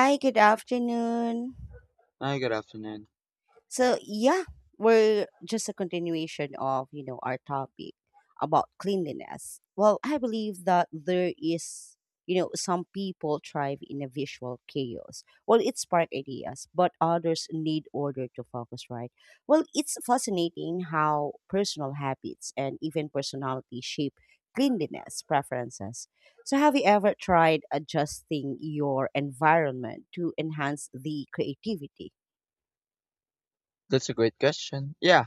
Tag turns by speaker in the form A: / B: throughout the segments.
A: Hi, good afternoon.
B: Hi, good afternoon.
A: So yeah, we're just a continuation of our topic about cleanliness. Well, I believe that there is you know some people thrive in a visual chaos. Well, it spark ideas, but others need order to focus. Right. Well, it's fascinating how personal habits and even personality shape cleanliness preferences. So, have you ever tried adjusting your environment to enhance the creativity?
B: That's a great question. Yeah,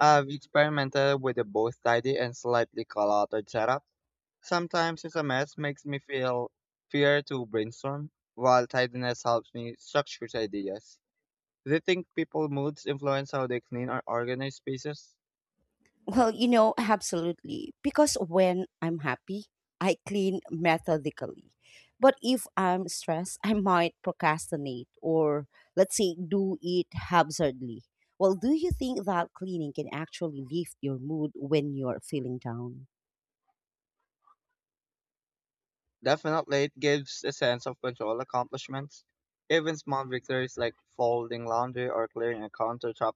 B: I've experimented with a both tidy and slightly cluttered setup. Sometimes it's a mess makes me feel fear to brainstorm, while tidiness helps me structure ideas. Do you think people moods influence how they clean or organize spaces?
A: Well, you know, absolutely. Because when I'm happy, I clean methodically. But if I'm stressed, I might procrastinate or, let's say, do it haphazardly. Well, do you think that cleaning can actually lift your mood when you're feeling down?
B: Definitely, it gives a sense of control accomplishments. Even small victories like folding laundry or clearing a countertop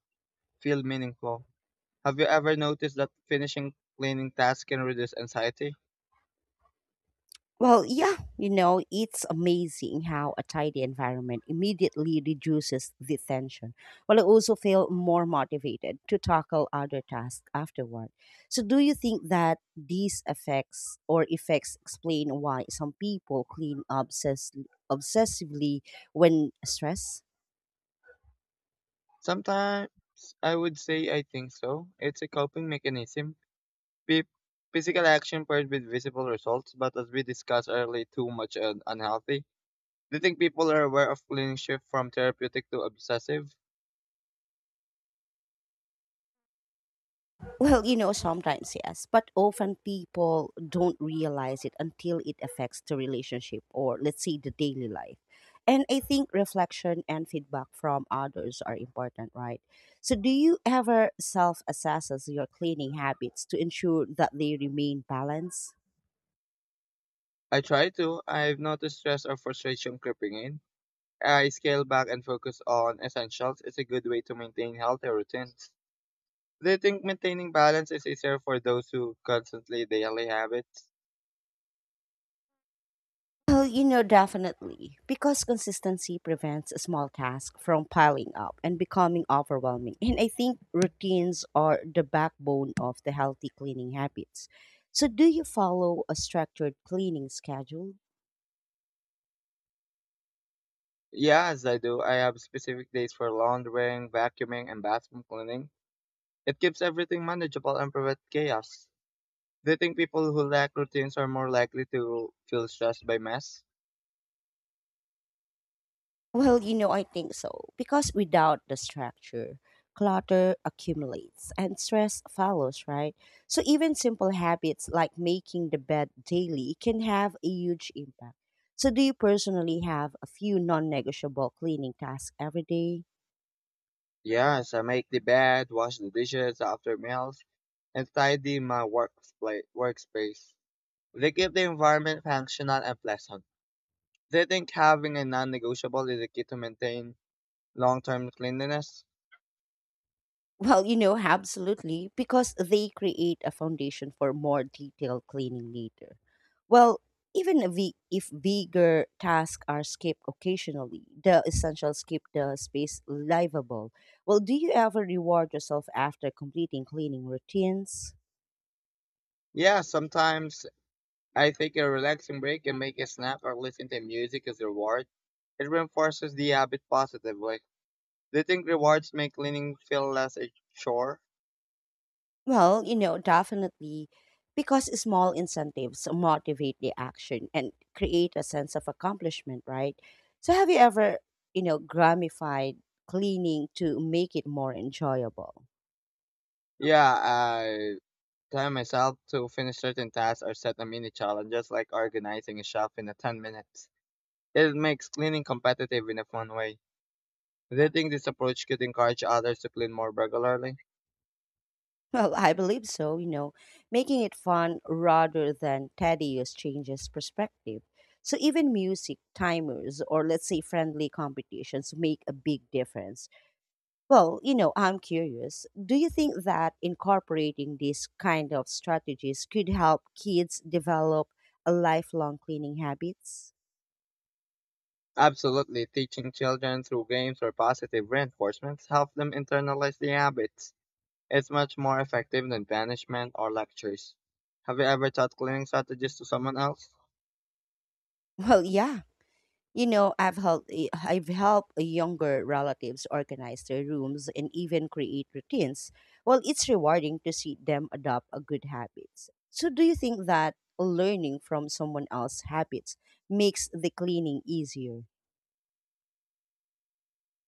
B: feel meaningful. Have you ever noticed that finishing cleaning tasks can reduce anxiety?
A: Well, yeah, you know, it's amazing how a tidy environment immediately reduces the tension, while I also feel more motivated to tackle other tasks afterward. So, do you think that these effects or effects explain why some people clean obsessively when stressed?
B: Sometimes I would say I think so. It's a coping mechanism. Pe- Physical action paired with visible results, but as we discussed earlier, too much and unhealthy. Do you think people are aware of cleaning shift from therapeutic to obsessive?
A: Well, you know, sometimes yes, but often people don't realize it until it affects the relationship or, let's say, the daily life. And I think reflection and feedback from others are important, right? So, do you ever self assess your cleaning habits to ensure that they remain balanced?
B: I try to. I've noticed stress or frustration creeping in. I scale back and focus on essentials. It's a good way to maintain healthy routines. Do you think maintaining balance is easier for those who constantly daily habits?
A: Well, you know, definitely. Because consistency prevents a small task from piling up and becoming overwhelming. And I think routines are the backbone of the healthy cleaning habits. So, do you follow a structured cleaning schedule?
B: Yes, I do. I have specific days for laundering, vacuuming, and bathroom cleaning. It keeps everything manageable and prevents chaos. Do you think people who lack routines are more likely to feel stressed by mess?
A: Well, you know, I think so. Because without the structure, clutter accumulates and stress follows, right? So even simple habits like making the bed daily can have a huge impact. So do you personally have a few non-negotiable cleaning tasks every day?
B: Yes, I make the bed, wash the dishes after meals, and tidy my workspace. They keep the environment functional and pleasant. They think having a non-negotiable is the key to maintain long-term cleanliness?
A: Well, you know, absolutely, because they create a foundation for more detailed cleaning later. Well, even if we- if bigger tasks are skipped occasionally, the essentials keep the space livable. Well, do you ever reward yourself after completing cleaning routines?
B: Yeah, sometimes I take a relaxing break and make a snack or listen to music as a reward. It reinforces the habit positively. Do you think rewards make cleaning feel less a chore?
A: Well, you know, definitely because small incentives motivate the action and create a sense of accomplishment, right? So have you ever, you know, gamified cleaning to make it more enjoyable?
B: Yeah, I tell myself to finish certain tasks or set a mini challenge, just like organizing a shelf in a 10 minutes. It makes cleaning competitive in a fun way. Do you think this approach could encourage others to clean more regularly?
A: Well, I believe so, you know, making it fun rather than tedious changes perspective. So even music, timers, or let's say friendly competitions make a big difference. Well, you know, I'm curious. Do you think that incorporating these kind of strategies could help kids develop a lifelong cleaning habits?
B: Absolutely, teaching children through games or positive reinforcements help them internalize the habits. It's much more effective than banishment or lectures. Have you ever taught cleaning strategies to someone else?
A: Well, yeah. You know, I've helped younger relatives organize their rooms and even create routines. Well, it's rewarding to see them adopt a good habits. So, do you think that learning from someone else's habits makes the cleaning easier?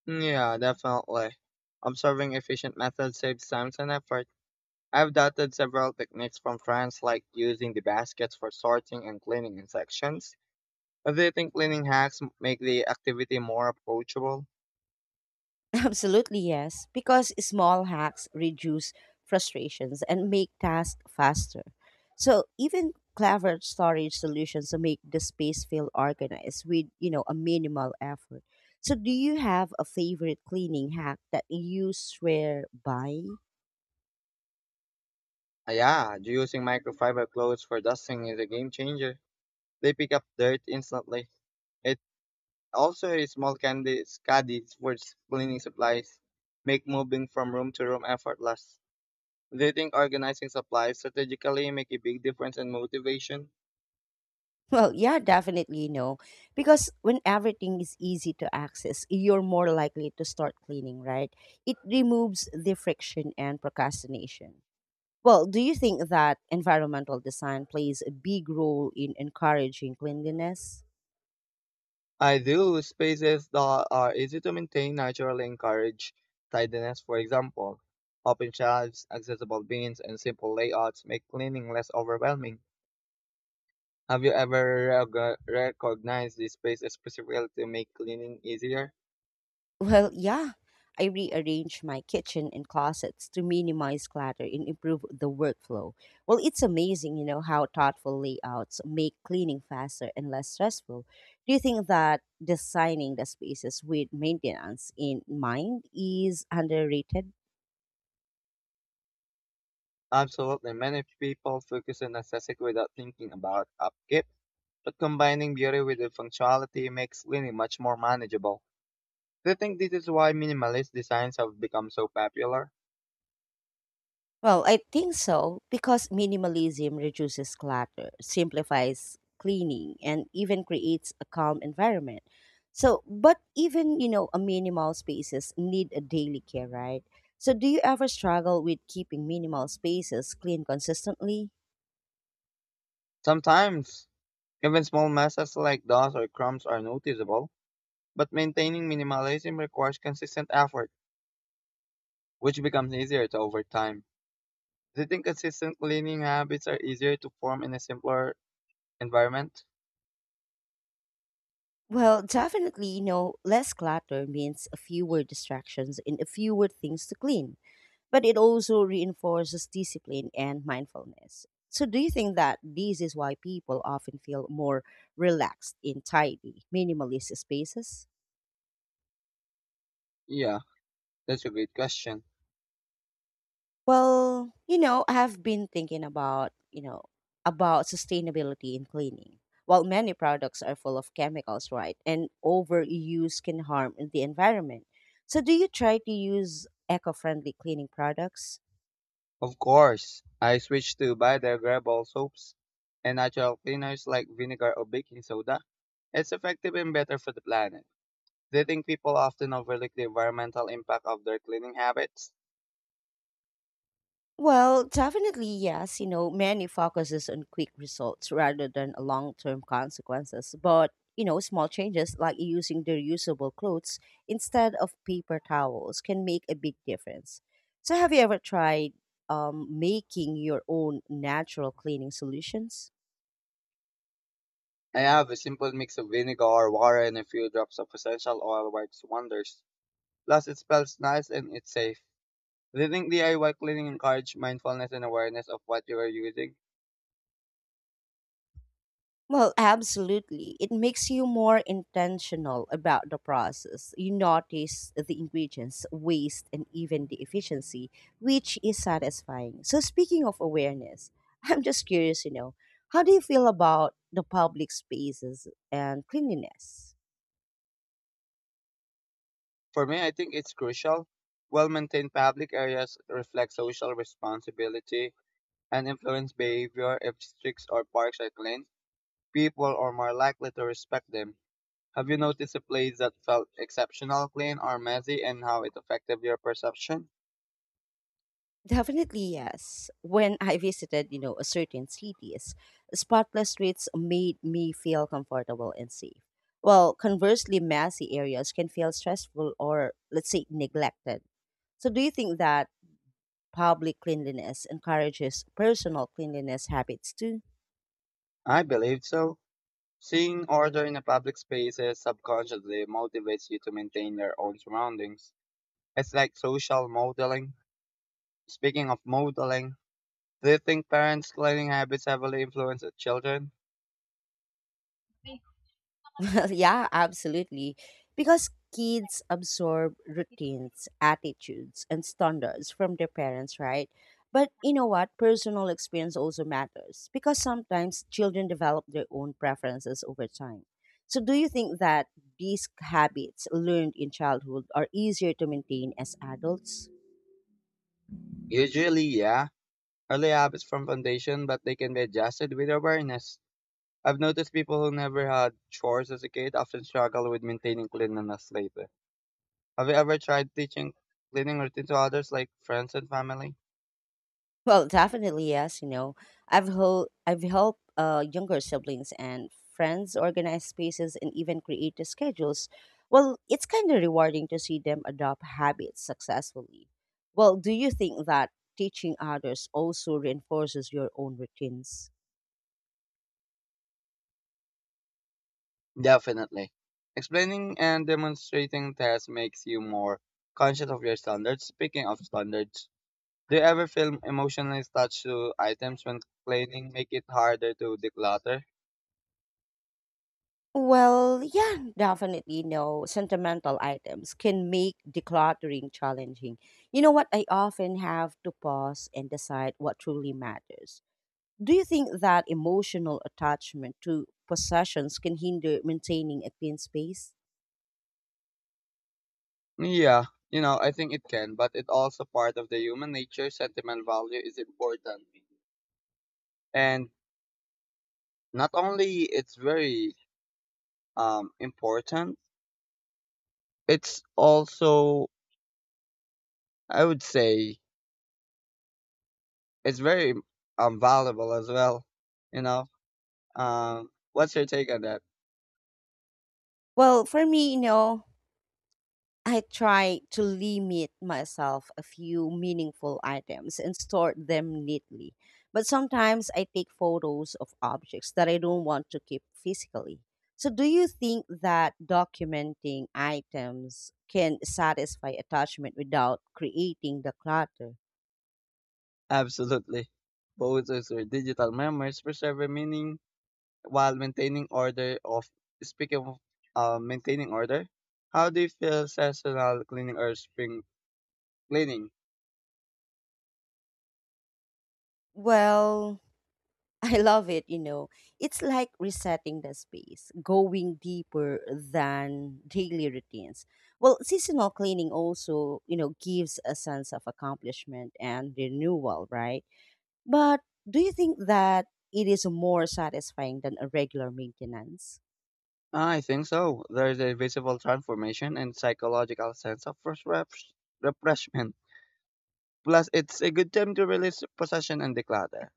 B: Mm, yeah, definitely. Observing efficient methods saves time and effort. I've adopted several techniques from France, like using the baskets for sorting and cleaning in sections. Do you think cleaning hacks make the activity more approachable?
A: Absolutely, yes, because small hacks reduce frustrations and make tasks faster. So even clever storage solutions make the space feel organized with, you know, a minimal effort. So do you have a favorite cleaning hack that you swear by?
B: Yeah, using microfiber clothes for dusting is a game changer. They pick up dirt instantly. It also a small candy caddy for cleaning supplies, make moving from room to room effortless. Do you think organizing supplies strategically make a big difference in motivation?
A: Well, yeah, definitely no. Because when everything is easy to access, you're more likely to start cleaning, right? It removes the friction and procrastination. Well, do you think that environmental design plays a big role in encouraging cleanliness?
B: I do. Spaces that are easy to maintain naturally encourage tidiness. For example, open shelves, accessible bins, and simple layouts make cleaning less overwhelming. Have you ever recognized this space specifically to make cleaning easier?
A: Well, yeah. I rearrange my kitchen and closets to minimize clutter and improve the workflow. Well, it's amazing, you know, how thoughtful layouts make cleaning faster and less stressful. Do you think that designing the spaces with maintenance in mind is underrated?
B: Absolutely. Many people focus on aesthetic without thinking about upkeep, but combining beauty with the functionality makes living much more manageable. Do you think this is why minimalist designs have become so popular?
A: Well, I think so because minimalism reduces clutter, simplifies cleaning, and even creates a calm environment. So, but even, you know, a minimal spaces need a daily care, right? So, do you ever struggle with keeping minimal spaces clean consistently?
B: Sometimes, even small messes like dust or crumbs are noticeable, but maintaining minimalism requires consistent effort, which becomes easier to over time. Do you think consistent cleaning habits are easier to form in a simpler environment?
A: Well, definitely, you know, less clutter means fewer distractions and fewer things to clean. But it also reinforces discipline and mindfulness. So, do you think that this is why people often feel more relaxed in tidy, minimalist spaces?
B: Yeah, that's a great question.
A: Well, you know, I have been thinking about, you know, about sustainability in cleaning. While many products are full of chemicals, right, and overuse can harm the environment. So, do you try to use eco friendly cleaning products?
B: Of course, I switched to biodegradable soaps and natural cleaners like vinegar or baking soda. It's effective and better for the planet. Do you think people often overlook the environmental impact of their cleaning habits?
A: Well, definitely yes. You know, many focuses on quick results rather than long-term consequences. But you know, small changes like using the reusable clothes instead of paper towels can make a big difference. So, have you ever tried making your own natural cleaning solutions?
B: I have a simple mix of vinegar, water, and a few drops of essential oil works wonders. Plus, it smells nice and it's safe. Do you think DIY cleaning encourages mindfulness and awareness of what you are using?
A: Well, absolutely. It makes you more intentional about the process. You notice the ingredients, waste, and even the efficiency, which is satisfying. So, speaking of awareness, I'm just curious, you know, how do you feel about the public spaces and cleanliness?
B: For me, I think it's crucial. Well-maintained public areas reflect social responsibility and influence behavior if streets or parks are clean. People are more likely to respect them. Have you noticed a place that felt exceptional clean or messy and how it affected your perception?
A: Definitely yes. When I visited, you know, a certain cities, spotless streets made me feel comfortable and safe. Well, conversely, messy areas can feel stressful or let's say neglected. So do you think that public cleanliness encourages personal cleanliness habits too?
B: I believe so. Seeing order in a public spaces subconsciously motivates you to maintain your own surroundings. It's like social modeling. Speaking of modeling, do you think parents' cleaning habits heavily influence the children?
A: Yeah, absolutely. Because kids absorb routines, attitudes, and standards from their parents, right? But you know what? Personal experience also matters because sometimes children develop their own preferences over time. So, do you think that these habits learned in childhood are easier to maintain as adults?
B: Usually, yeah. Early habits from foundation, but they can be adjusted with awareness. I've noticed people who never had chores as a kid often struggle with maintaining cleanliness later. Have you ever tried teaching cleaning routine to others, like friends and family?
A: Well, definitely yes. You know, I've helped younger siblings and friends organize spaces and even create the schedules. Well, it's kind of rewarding to see them adopt habits successfully. Well, do you think that teaching others also reinforces your own routines?
B: Definitely. Explaining and demonstrating tasks makes you more conscious of your standards. Speaking of standards, do you ever feel emotionally attached to items when cleaning make it harder to declutter?
A: Well, yeah, definitely no. Sentimental items can make decluttering challenging. You know what? I often have to pause and decide what truly matters. Do you think that emotional attachment to possessions can hinder maintaining a clean space?
B: Yeah, you know, I think it can, but it also part of the human nature. Sentimental value is important and not only it's very important, it's also, I would say, it's very valuable as well. You know, what's your take on that?
A: Well, for me, you know, I try to limit myself a few meaningful items and store them neatly. But sometimes I take photos of objects that I don't want to keep physically. So, do you think that documenting items can satisfy attachment without creating the clutter?
B: Absolutely, both as are digital memories preserve a meaning while maintaining order. Of speaking of maintaining order, how do you feel seasonal cleaning or spring cleaning?
A: Well, I love it, you know. It's like resetting the space, going deeper than daily routines. Well, seasonal cleaning also, you know, gives a sense of accomplishment and renewal, right? But do you think that it is more satisfying than a regular maintenance?
B: I think so. There is a visible transformation and psychological sense of refreshment. Plus, it's a good time to release possession and declutter.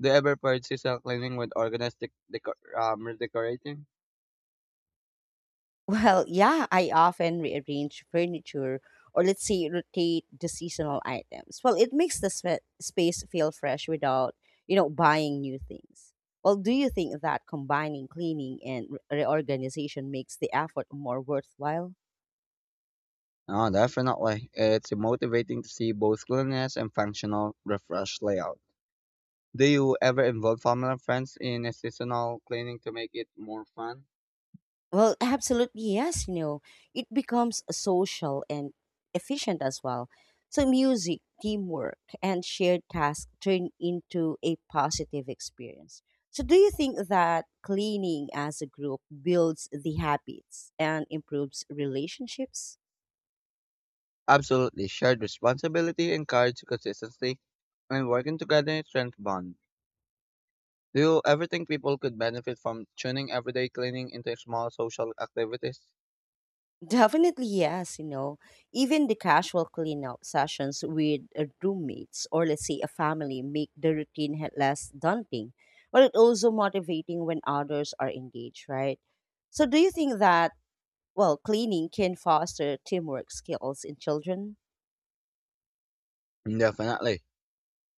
B: Do you ever pursue seasonal cleaning with organized redecorating?
A: Well, yeah, I often rearrange furniture or let's say rotate the seasonal items. Well, it makes the space feel fresh without, you know, buying new things. Well, do you think that combining cleaning and reorganization makes the effort more worthwhile?
B: No, definitely. It's motivating to see both cleanliness and functional refresh layout. Do you ever involve family and friends in a seasonal cleaning to make it more fun?
A: Well, absolutely yes. You know, it becomes social and efficient as well. So music, teamwork, and shared tasks turn into a positive experience. So, do you think that cleaning as a group builds the habits and improves relationships?
B: Absolutely. Shared responsibility encourages consistency and working together strength bond. Do you ever think people could benefit from tuning everyday cleaning into small social activities?
A: Definitely yes, you know, even the casual cleanup sessions with roommates or let's say a family make the routine less daunting, but it also motivating when others are engaged, right? So do you think that well, cleaning can foster teamwork skills in children?
B: Definitely.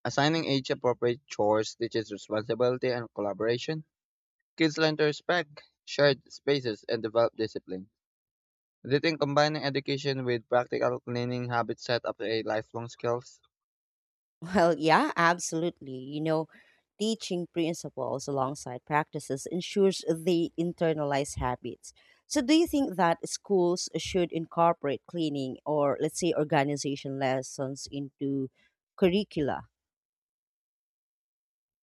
B: Assigning age-appropriate chores teaches responsibility and collaboration. Kids learn to respect shared spaces and develop discipline. Do you think combining education with practical cleaning habits set up a lifelong skills?
A: Well, yeah, absolutely. You know, teaching principles alongside practices ensures they internalize habits. So, do you think that schools should incorporate cleaning or, let's say, organization lessons into curricula?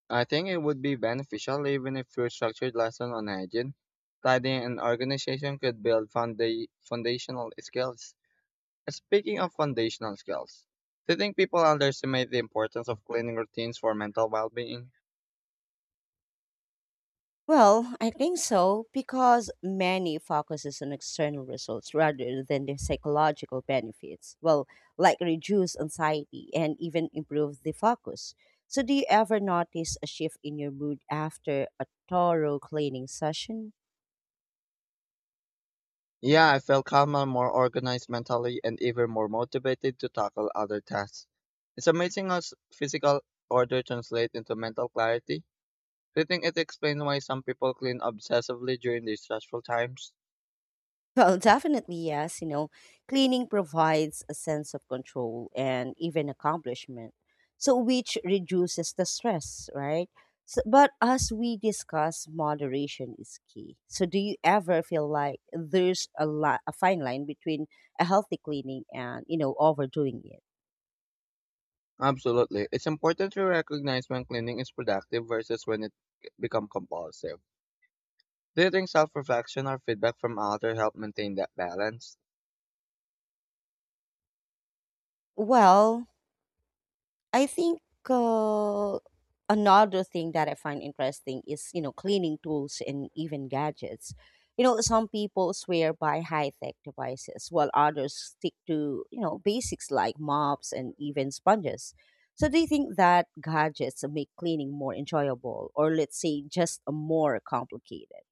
B: I think it would be beneficial even if your structured lesson on hygiene, tidying, and organization could build foundational skills. Speaking of foundational skills, do you think people underestimate the importance of cleaning routines for mental well-being?
A: Well, I think so because many focuses on external results rather than the psychological benefits. Well, like reduce anxiety and even improve the focus. So, do you ever notice a shift in your mood after a thorough cleaning session?
B: Yeah, I felt calmer, more organized mentally, and even more motivated to tackle other tasks. It's amazing how physical order translates into mental clarity. Do you think it explains why some people clean obsessively during these stressful times?
A: Well, definitely, yes. You know, cleaning provides a sense of control and even accomplishment, so which reduces the stress, right? So, but as we discuss, moderation is key. So, do you ever feel like there's a fine line between a healthy cleaning and, you know, overdoing it?
B: Absolutely. It's important to recognize when cleaning is productive versus when it becomes compulsive. Do you think self-reflection or feedback from others help maintain that balance?
A: Well, I think uh, another thing that I find interesting is, you know, cleaning tools and even gadgets. You know, some people swear by high tech devices, while others stick to, you know, basics like mops and even sponges. So, do you think that gadgets make cleaning more enjoyable or, let's say, just more complicated?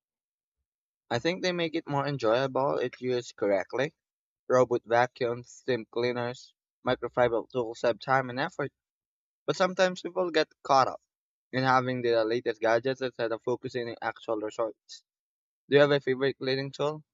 B: I think they make it more enjoyable if used correctly. Robot vacuums, steam cleaners, microfiber tools save time and effort, but sometimes people get caught up in having the latest gadgets instead of focusing on actual results. Do you have a favorite cleaning tool?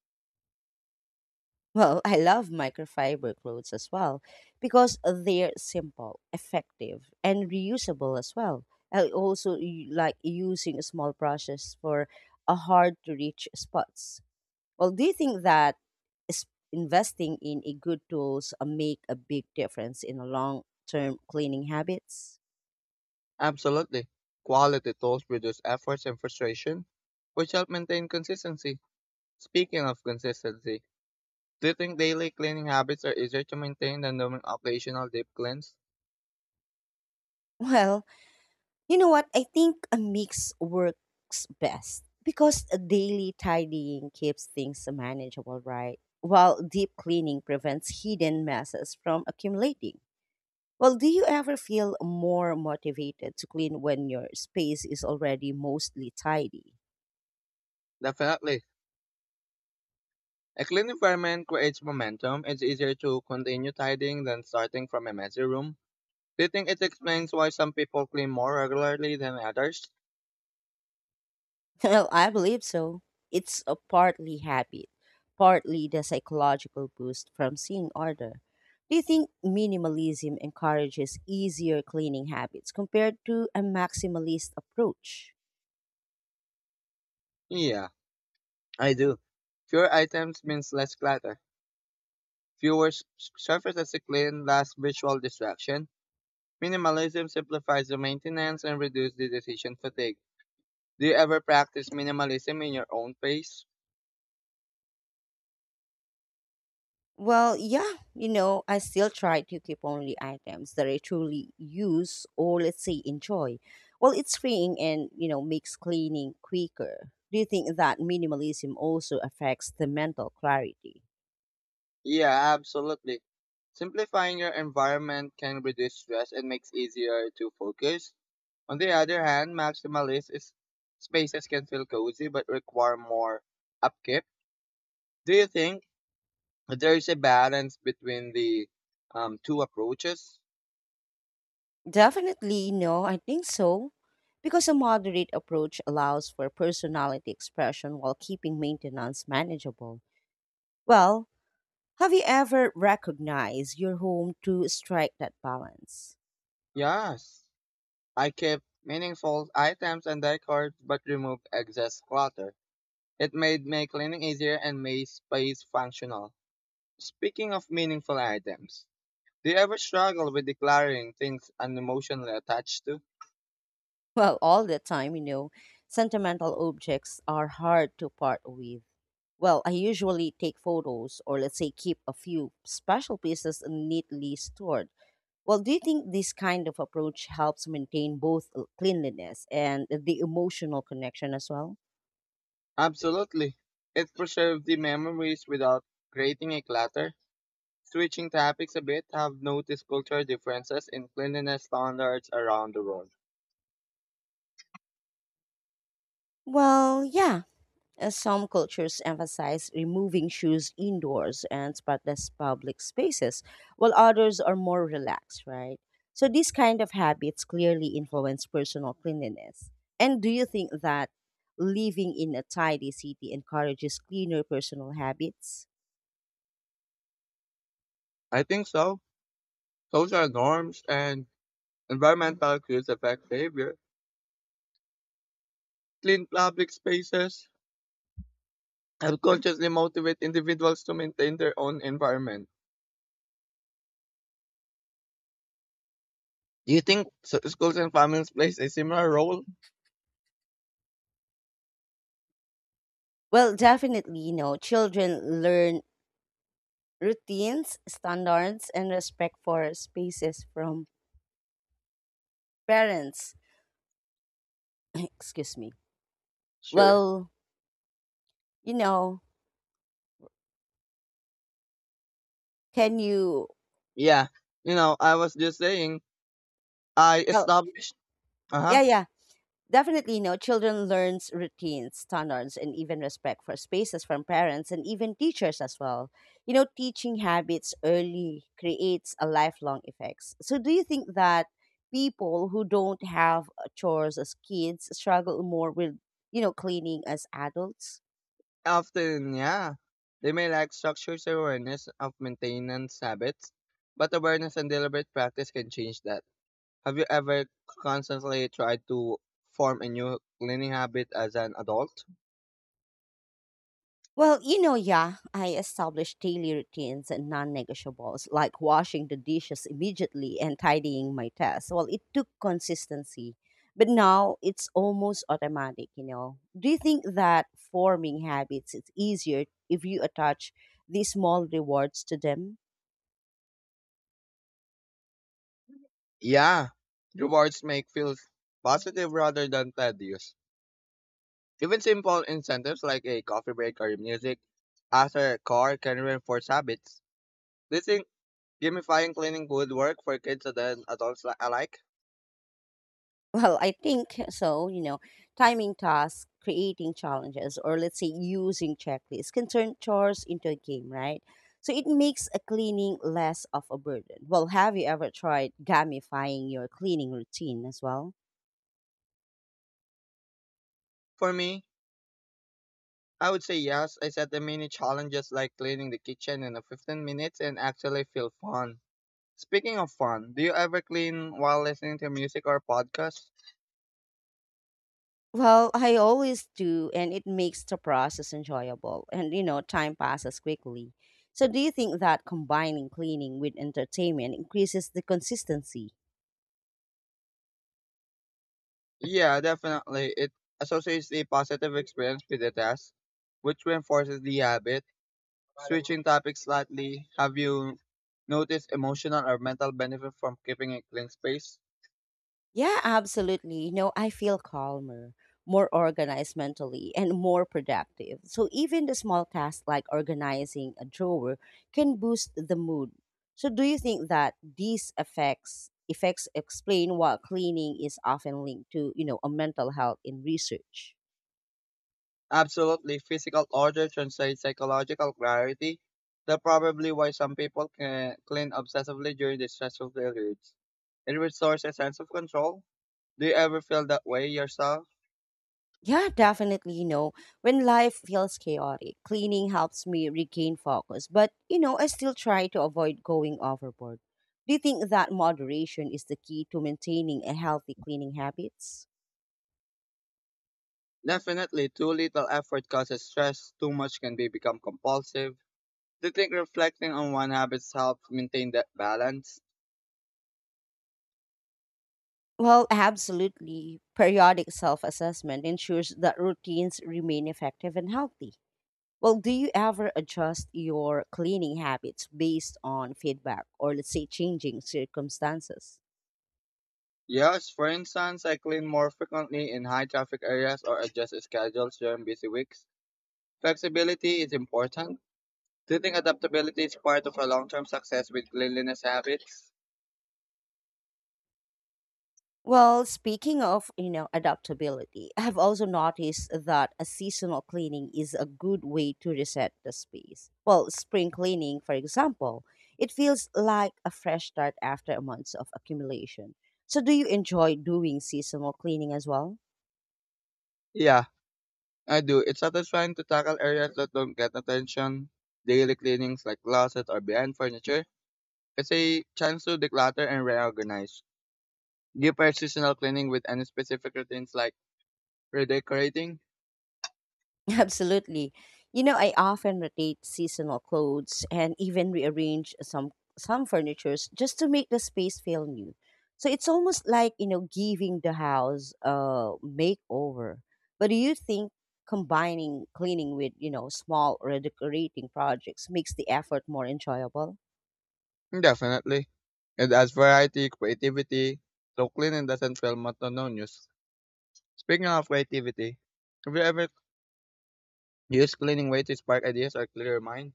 A: Well, I love microfiber clothes as well because they're simple, effective, and reusable as well. I also like using small brushes for a hard to reach spots. Well, do you think that investing in a good tools make a big difference in long term cleaning habits?
B: Absolutely. Quality tools reduce efforts and frustration, which help maintain consistency. Speaking of consistency, do you think daily cleaning habits are easier to maintain than doing occasional deep cleans?
A: Well, you know what? I think a mix works best because a daily tidying keeps things manageable, right? While deep cleaning prevents hidden messes from accumulating. Well, do you ever feel more motivated to clean when your space is already mostly tidy?
B: Definitely. A clean environment creates momentum. It's easier to continue tidying than starting from a messy room. Do you think it explains why some people clean more regularly than others?
A: Well, I believe so. It's a partly habit, partly the psychological boost from seeing order. Do you think minimalism encourages easier cleaning habits compared to a maximalist approach?
B: Yeah, I do. Fewer items means less clutter. Fewer surfaces to clean, less visual distraction. Minimalism simplifies the maintenance and reduces the decision fatigue. Do you ever practice minimalism in your own pace?
A: Well, yeah, you know, I still try to keep only items that I truly use or let's say enjoy. Well, it's freeing and, you know, makes cleaning quicker. Do you think that minimalism also affects the mental clarity?
B: Yeah, absolutely. Simplifying your environment can reduce stress and makes easier to focus. On the other hand, maximalist is spaces can feel cozy but require more upkeep. Do you think there is a balance between the two approaches?
A: Definitely, no, I think so. Because a moderate approach allows for personality expression while keeping maintenance manageable. Well, have you ever recognized your home to strike that balance?
B: Yes. I kept meaningful items and decor but removed excess clutter. It made my cleaning easier and made space functional. Speaking of meaningful items, do you ever struggle with declaring things unemotionally attached to?
A: Well, all the time, you know, sentimental objects are hard to part with. Well, I usually take photos or let's say keep a few special pieces neatly stored. Well, do you think this kind of approach helps maintain both cleanliness and the emotional connection as well?
B: Absolutely. It preserves the memories without creating a clutter. Switching topics a bit, have noticed cultural differences in cleanliness standards around the world.
A: Well, yeah. Some cultures emphasize removing shoes indoors and spotless public spaces, while others are more relaxed, right? So, these kind of habits clearly influence personal cleanliness. And do you think that living in a tidy city encourages cleaner personal habits?
B: I think so. Social norms and environmental cues affect behavior. Clean public spaces help consciously motivate individuals to maintain their own environment. Do you think schools and families plays a similar role?
A: Well, definitely, you know, children learn routines, standards, and respect for spaces from parents. Excuse me.
B: Sure.
A: Well, you know, can you?
B: Yeah. You know, I was just saying, I
A: Well,
B: established, uh-huh,
A: yeah, yeah, definitely. No, children learns routines, standards, and even respect for spaces from parents and even teachers as well. You know, teaching habits early creates a lifelong effects. So, do you think that people who don't have chores as kids struggle more with, you know, cleaning as adults?
B: often, yeah, they may lack structures awareness of maintenance habits, but awareness and deliberate practice can change that. Have you ever constantly tried to form a new cleaning habit as an adult?
A: Well, you know, yeah, I established daily routines and non negotiables like washing the dishes immediately and tidying my desk. Well, it took consistency, but now it's almost automatic, you know. Do you think that forming habits is easier if you attach these small rewards to them?
B: Yeah, rewards make feels positive rather than tedious. Even simple incentives like a coffee break or music after a car can reinforce habits. Do you think gamifying cleaning would work for kids and adults alike?
A: Well, I think so. You know, timing tasks, creating challenges, or let's say using checklists can turn chores into a game, right? So it makes a cleaning less of a burden. Well, have you ever tried gamifying your cleaning routine as well?
B: For me, I would say yes. I set the mini challenges like cleaning the kitchen in a 15 minutes and actually feel fun. Speaking of fun, do you ever clean while listening to music or podcasts?
A: Well, I always do, and it makes the process enjoyable. And, you know, time passes quickly. So do you think that combining cleaning with entertainment increases the consistency?
B: Yeah, definitely. It associates the positive experience with the task, which reinforces the habit. Switching topics slightly, have you noticed emotional or mental benefit from keeping a clean space?
A: Yeah, absolutely. You know, I feel calmer, more organized mentally, and more productive. So even the small tasks like organizing a drawer can boost the mood. So do you think that these effects explain why cleaning is often linked to, you know, a mental health in research?
B: Absolutely. Physical order translates psychological clarity. That's probably why some people can clean obsessively during the stressful periods. It restores a sense of control. Do you ever feel that way yourself?
A: Yeah, definitely. You know, when life feels chaotic, cleaning helps me regain focus. But, you know, I still try to avoid going overboard. Do you think that moderation is the key to maintaining a healthy cleaning habits?
B: Definitely, too little effort causes stress, too much can be become compulsive. Do you think reflecting on one habits helps maintain that balance?
A: Well, absolutely. Periodic self assessment ensures that routines remain effective and healthy. Well, do you ever adjust your cleaning habits based on feedback or, let's say, changing circumstances?
B: Yes, for instance, I clean more frequently in high traffic areas or adjust schedules during busy weeks. Flexibility is important. Do you think adaptability is part of a long term success with cleanliness habits?
A: Well, speaking of, you know, adaptability, I've also noticed that a seasonal cleaning is a good way to reset the space. Well, spring cleaning, for example, it feels like a fresh start after months of accumulation. So do you enjoy doing seasonal cleaning as well?
B: Yeah, I do. It's satisfying to tackle areas that don't get attention. Daily cleanings like closets or behind furniture. It's a chance to declutter and reorganize. Give our seasonal cleaning with any specific routines like redecorating?
A: Absolutely. You know, I often rotate seasonal clothes and even rearrange some furnitures just to make the space feel new. So it's almost like, you know, giving the house a makeover. But do you think combining cleaning with, you know, small redecorating projects makes the effort more enjoyable?
B: Definitely. It adds variety, creativity, so cleaning doesn't feel monotonous. Speaking of creativity, have you ever used cleaning way to spark ideas or clear your mind?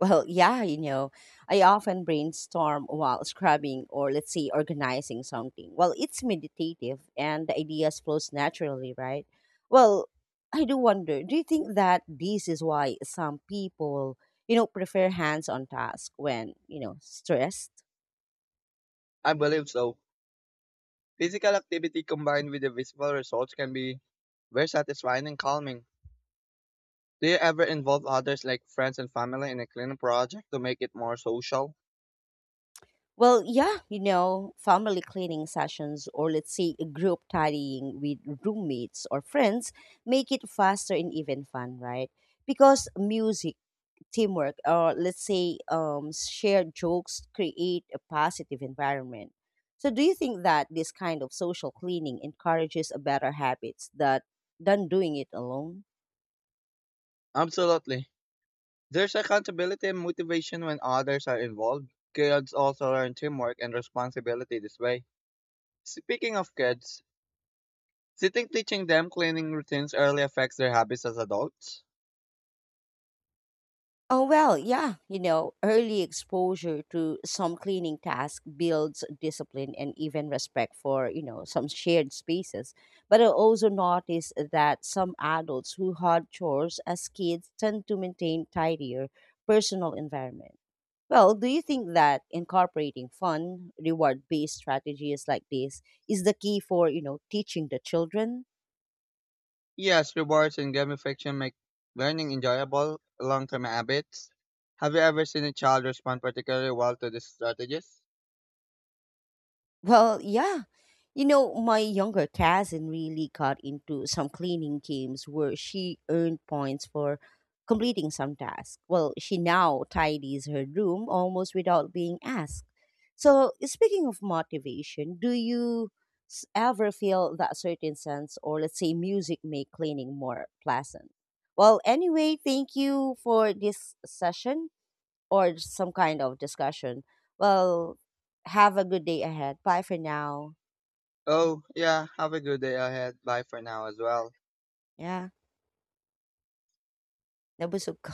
A: Well, yeah, you know, I often brainstorm while scrubbing or let's say organizing something. Well, it's meditative and the ideas flows naturally, right? Well, I do wonder, do you think that this is why some people, you know, prefer hands-on task when, you know, stressed?
B: I believe so. Physical activity combined with the visible results can be very satisfying and calming. Do you ever involve others like friends and family in a cleaning project to make it more social?
A: Well, yeah, you know, family cleaning sessions or let's say group tidying with roommates or friends make it faster and even fun, right? Because music, teamwork, or let's say shared jokes create a positive environment. So do you think that this kind of social cleaning encourages a better habits that than doing it alone?
B: Absolutely. There's accountability and motivation when others are involved. Kids also learn teamwork and responsibility this way. Speaking of kids, do you think teaching them cleaning routines early affects their habits as adults?
A: Oh, well, yeah, you know, early exposure to some cleaning task builds discipline and even respect for, you know, some shared spaces. But I also noticed that some adults who had chores as kids tend to maintain tidier personal environment. Well, do you think that incorporating fun, reward-based strategies like this is the key for, you know, teaching the children?
B: Yes, rewards and gamification make learning enjoyable, long term habits. Have you ever seen a child respond particularly well to these strategies?
A: Well, yeah. You know, my younger cousin really got into some cleaning games where she earned points for completing some task. Well, she now tidies her room almost without being asked. So, speaking of motivation, do you ever feel that certain sense, or let's say music, make cleaning more pleasant? Well, anyway, thank you for this session or some kind of discussion. Well, have a good day ahead. Bye for now.
B: Oh, yeah, have a good day ahead. Bye for now as well.
A: Yeah. Nabusog k